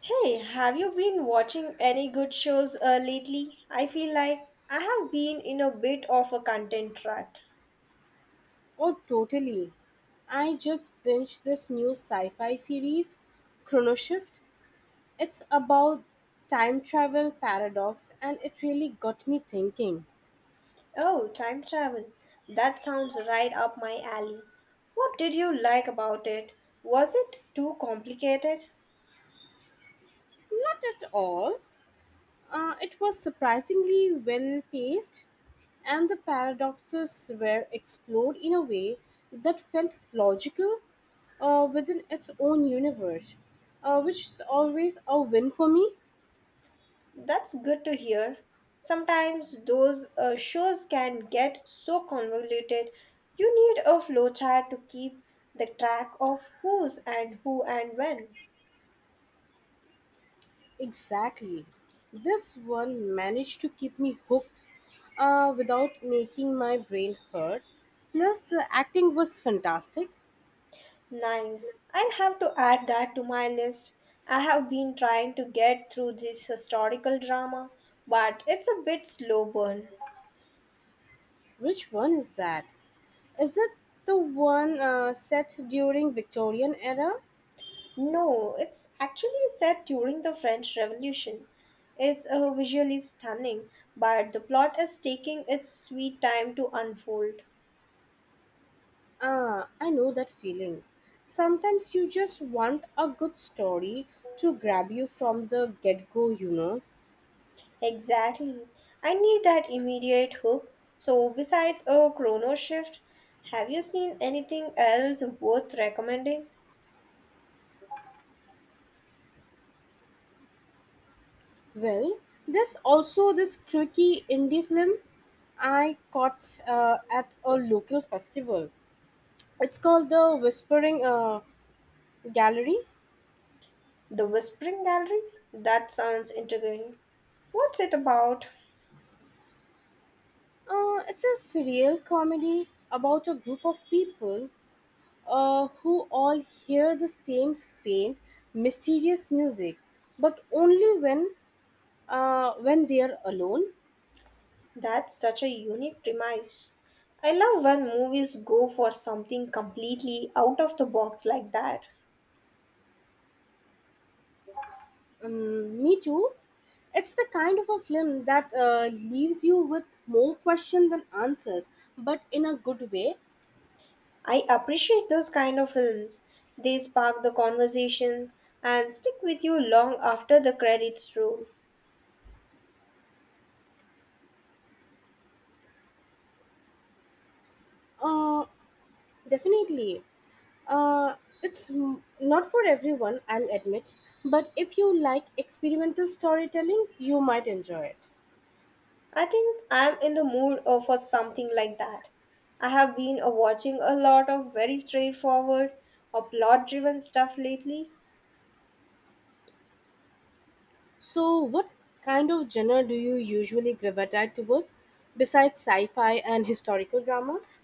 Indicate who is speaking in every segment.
Speaker 1: Hey, have you been watching any good shows lately? I feel like I have been in a bit of a content rut.
Speaker 2: Oh, totally. I just binged this new sci fi series, Chronoshift. It's about time travel paradox, and it really got me thinking.
Speaker 1: Oh, time travel. That sounds right up my alley. What did you like about it? Was it too complicated?
Speaker 2: Not at all. It was surprisingly well paced, and the paradoxes were explored in a way that felt logical within its own universe, which is always a win for me.
Speaker 1: That's good to hear. Sometimes those shows can get so convoluted. You need a flowchart to keep the track of who's and who and when.
Speaker 2: Exactly. This one managed to keep me hooked without making my brain hurt. Plus, the acting was fantastic.
Speaker 1: Nice. I'll have to add that to my list. I have been trying to get through this historical drama, but it's a bit slow burn.
Speaker 2: Which one is that? Is it the one set during Victorian era?
Speaker 1: No, it's actually set during the French Revolution. It's visually stunning, but the plot is taking its sweet time to unfold.
Speaker 2: Ah, I know that feeling. Sometimes you just want a good story to grab you from the get go.
Speaker 1: Exactly. I need that immediate hook. So, besides a chrono shift, have you seen anything else worth recommending?
Speaker 2: Well, there's also this quirky indie film I caught at a local festival. It's called The Whispering Gallery.
Speaker 1: The Whispering Gallery? That sounds intriguing. What's it about?
Speaker 2: It's a surreal comedy about a group of people who all hear the same faint, mysterious music, but only when they are alone.
Speaker 1: That's such a unique premise. I love when movies go for something completely out of the box like that.
Speaker 2: Me too. It's the kind of a film that leaves you with more questions than answers, but in a good way.
Speaker 1: I appreciate those kind of films. They spark the conversations and stick with you long after the credits roll.
Speaker 2: Uh, definitely. Uh, it's not for everyone, I'll admit, but if you like experimental storytelling, you might enjoy it.
Speaker 1: I think I'm in the mood for something like that. I have been watching a lot of very straightforward or plot driven stuff lately.
Speaker 2: So, what kind of genre do you usually gravitate towards besides sci fi and historical dramas?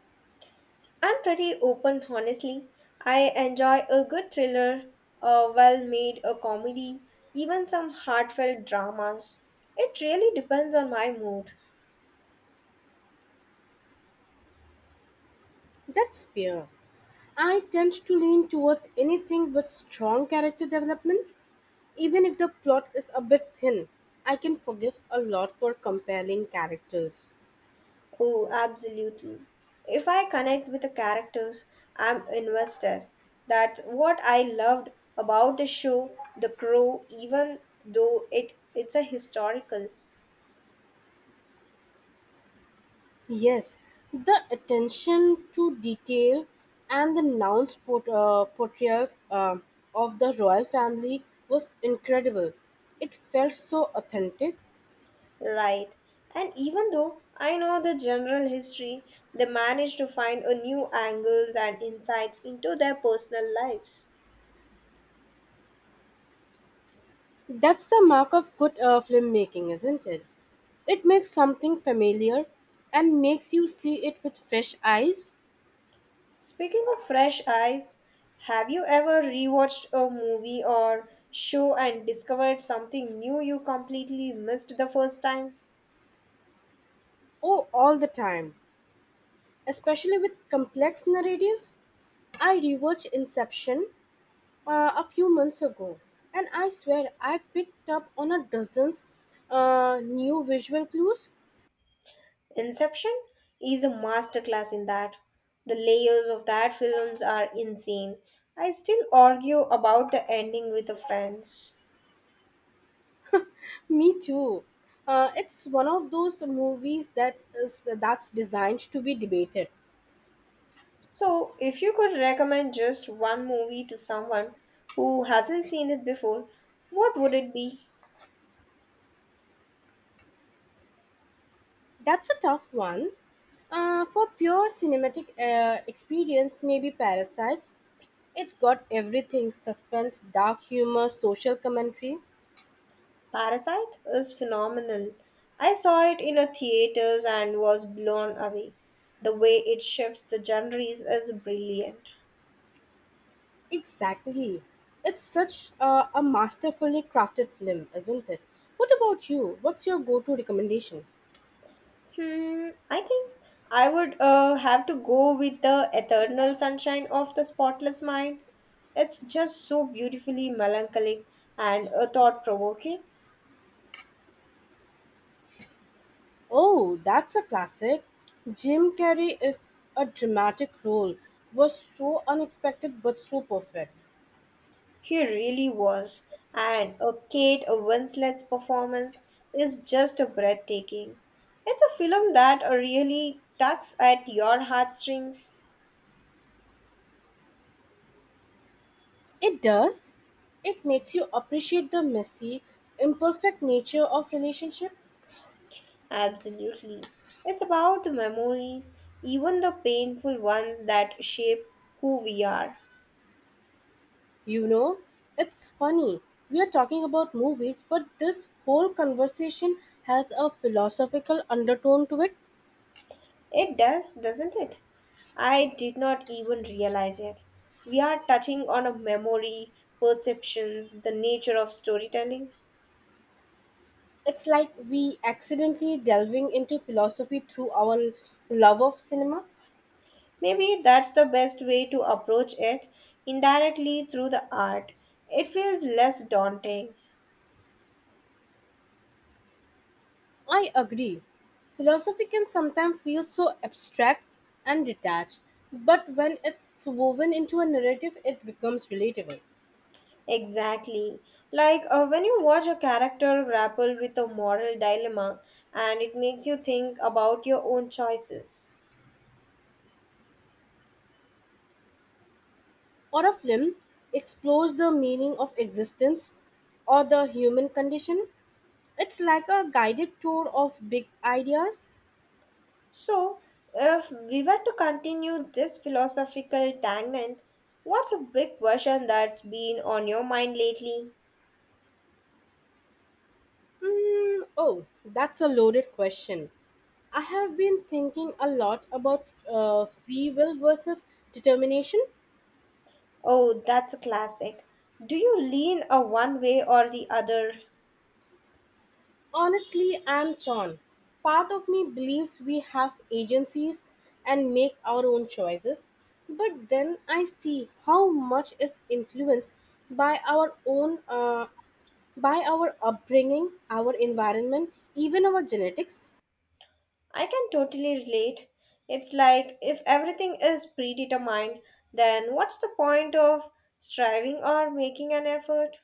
Speaker 1: I'm pretty open, honestly. I enjoy a good thriller, a well made a comedy, even some heartfelt dramas. It really depends on my mood.
Speaker 2: That's fair. I tend to lean towards anything with strong character development. Even if the plot is a bit thin, I can forgive a lot for compelling characters.
Speaker 1: Oh, absolutely. If I connect with the characters, I'm invested. That's what I loved about the show, The Crow, even though it's a historical.
Speaker 2: Yes, the attention to detail and the nuanced portrayals of the royal family was incredible. It felt so authentic.
Speaker 1: Right. And even though I know the general history, they manage to find a new angles and insights into their personal lives.
Speaker 2: That's the mark of good filmmaking, isn't it? It makes something familiar and makes you see it with fresh eyes.
Speaker 1: Speaking of fresh eyes, have you ever rewatched a movie or show and discovered something new you completely missed the first time?
Speaker 2: Oh, all the time. Especially with complex narratives. I rewatched Inception a few months ago, and I swear I picked up on a dozens new visual clues.
Speaker 1: Inception is a masterclass in that. The layers of that films are insane. I still argue about the ending with the friends.
Speaker 2: Me too. It's one of those movies that is that's designed to be debated.
Speaker 1: So, if you could recommend just one movie to someone who hasn't seen it before, what would it be?
Speaker 2: That's a tough one. For pure cinematic experience, maybe Parasites. It got everything: suspense, dark humor, social commentary.
Speaker 1: Parasite is phenomenal. I saw it in a theaters and was blown away. The way it shifts the genres is brilliant.
Speaker 2: Exactly. It's such a masterfully crafted film, isn't it? What about you? What's your go to recommendation?
Speaker 1: Hmm, I think I would have to go with the Eternal Sunshine of the Spotless Mind. It's just so beautifully melancholic and thought provoking.
Speaker 2: Oh, that's a classic. Jim Carrey is a dramatic role, was so unexpected but so perfect.
Speaker 1: He really was, and a Kate Winslet's performance is just breathtaking. It's a film that really tugs at your heartstrings.
Speaker 2: It does. It makes you appreciate the messy, imperfect nature of relationship.
Speaker 1: Absolutely. It's about the memories, even the painful ones that shape who we are.
Speaker 2: You know, it's funny. We are talking about movies, but this whole conversation has a philosophical undertone to it.
Speaker 1: It does, doesn't it? I did not even realize it. We are touching on a memory, perceptions, the nature of storytelling.
Speaker 2: It's like we accidentally delving into philosophy through our love of cinema.
Speaker 1: Maybe that's the best way to approach it indirectly through the art. It feels less daunting.
Speaker 2: I agree. Philosophy can sometimes feel so abstract and detached, but when it's woven into a narrative, it becomes relatable.
Speaker 1: Exactly. Like when you watch a character grapple with a moral dilemma and it makes you think about your own choices.
Speaker 2: Or a film explores the meaning of existence or the human condition. It's like a guided tour of big ideas.
Speaker 1: So, if we were to continue this philosophical tangent, what's a big question that's been on your mind lately?
Speaker 2: Oh, that's a loaded question. I have been thinking a lot about free will versus determination.
Speaker 1: Oh, that's a classic. Do you lean a one way or the other?
Speaker 2: Honestly, I'm torn. Part of me believes we have agencies and make our own choices, but then I see how much is influenced by our by our upbringing, our environment, even our genetics.
Speaker 1: I can totally relate. It's like if everything is predetermined, then what's the point of striving or making an effort?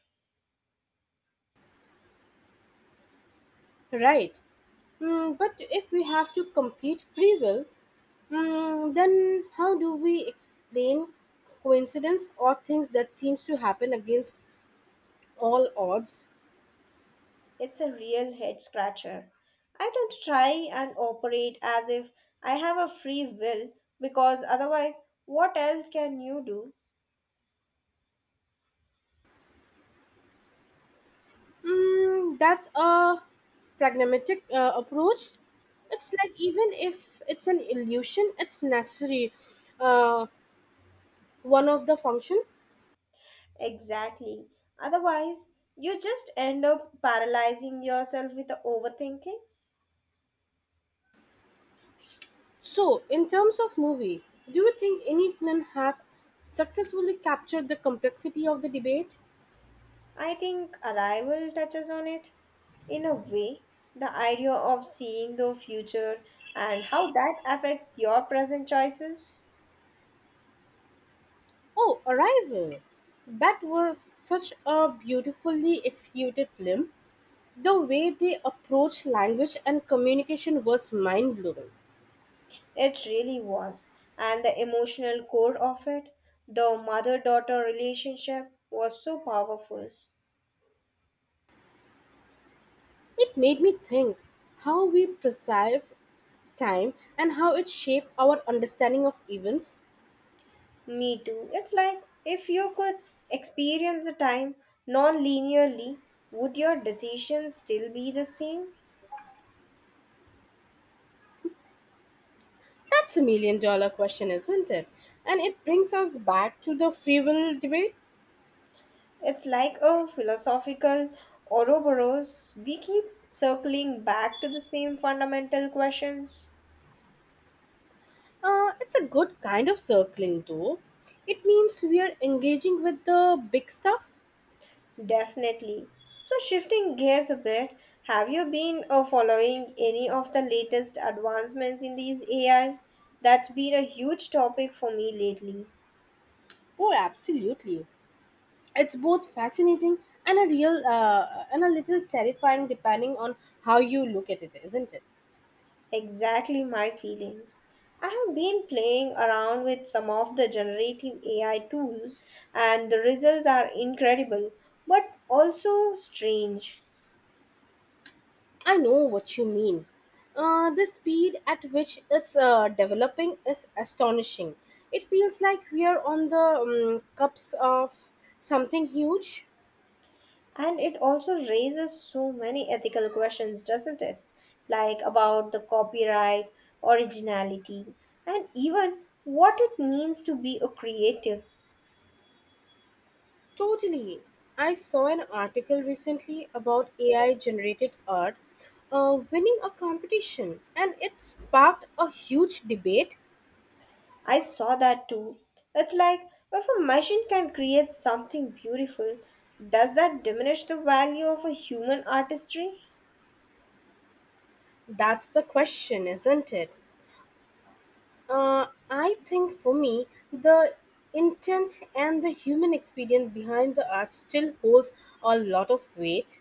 Speaker 2: Right. But if we have to complete free will, then how do we explain coincidence or things that seems to happen against all odds?
Speaker 1: It's a real head scratcher. I tend to try and operate as if I have a free will because otherwise, what else can you do?
Speaker 2: That's a pragmatic approach. It's like even if it's an illusion, it's necessary uh, one of the function.
Speaker 1: Exactly. Otherwise, you just end up paralyzing yourself with the overthinking.
Speaker 2: So, in terms of movie, do you think any film have successfully captured the complexity of the debate?
Speaker 1: I think Arrival touches on it in a way. The idea of seeing the future and how that affects your present choices.
Speaker 2: Oh, Arrival! That was such a beautifully executed film. The way they approached language and communication was mind blowing.
Speaker 1: It really was. And the emotional core of it, the mother daughter relationship, was so powerful.
Speaker 2: It made me think how we perceive time and how it shapes our understanding of events.
Speaker 1: Me too. It's like if you could experience the time non linearly, would your decisions still be the same?
Speaker 2: That's a million dollar question, isn't it? And it brings us back to the free will debate.
Speaker 1: It's like a philosophical Ouroboros. We keep circling back to the same fundamental questions.
Speaker 2: It's a good kind of circling, though. It means we are engaging with the big stuff.
Speaker 1: Definitely. So, shifting gears a bit, have you been following any of the latest advancements in these AI? That's been a huge topic for me lately.
Speaker 2: Oh, absolutely. It's both fascinating and a real and a little terrifying depending on how you look at it, isn't it?
Speaker 1: Exactly my feelings. I have been playing around with some of the generative AI tools, and the results are incredible but also strange.
Speaker 2: I know what you mean. The speed at which it's developing is astonishing. It feels like we are on the cups of something huge.
Speaker 1: And it also raises so many ethical questions, doesn't it? Like about the copyright, originality, and even what it means to be a creative.
Speaker 2: Totally. I saw an article recently about AI generated art winning a competition and it sparked a huge debate.
Speaker 1: I saw that too. It's like if a machine can create something beautiful, does that diminish the value of a human artistry?
Speaker 2: That's the question, isn't it? I think for me, the intent and the human experience behind the art still holds a lot of weight.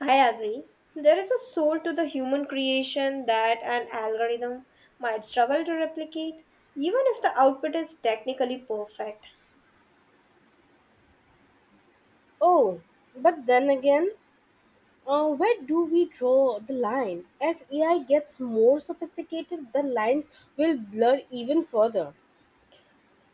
Speaker 1: I agree. There is a soul to the human creation that an algorithm might struggle to replicate, even if the output is technically perfect.
Speaker 2: Oh, but then again, where do we draw the line? As AI gets more sophisticated, the lines will blur even further.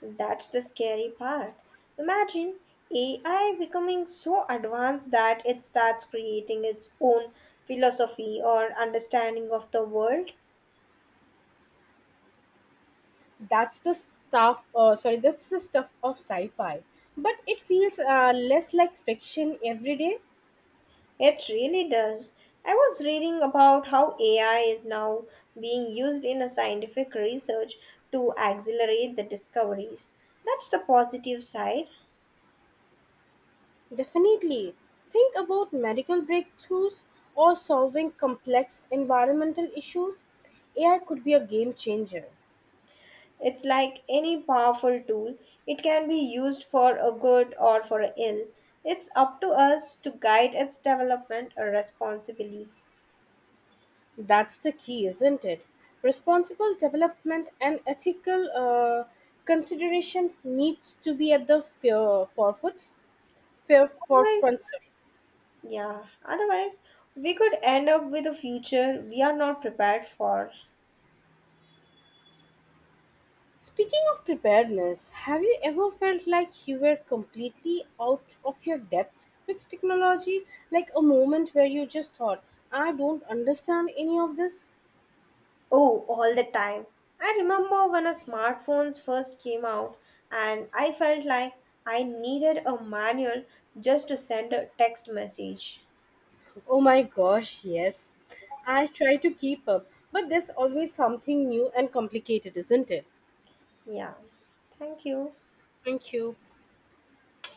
Speaker 1: That's the scary part. Imagine AI becoming so advanced that it starts creating its own philosophy or understanding of the world.
Speaker 2: That's the stuff of sci-fi. But it feels less like fiction every day.
Speaker 1: It really does. I was reading about how AI is now being used in a scientific research to accelerate the discoveries. That's the positive side.
Speaker 2: Definitely. Think about medical breakthroughs or solving complex environmental issues. AI could be a game changer.
Speaker 1: It's like any powerful tool, it can be used for a good or for a ill. It's up to us to guide its development responsibly.
Speaker 2: That's the key, isn't it? Responsible development and ethical consideration need to be at the
Speaker 1: Otherwise,
Speaker 2: forefront.
Speaker 1: yeah, otherwise, we could end up with a future we are not prepared for.
Speaker 2: Speaking of preparedness, have you ever felt like you were completely out of your depth with technology? Like a moment where you just thought, I don't understand any of this?
Speaker 1: Oh, all the time. I remember when a smartphones first came out and I felt like I needed a manual just to send a text message.
Speaker 2: Oh my gosh, yes. I try to keep up, but there's always something new and complicated, isn't it?
Speaker 1: Yeah. Thank you.
Speaker 2: Thank you.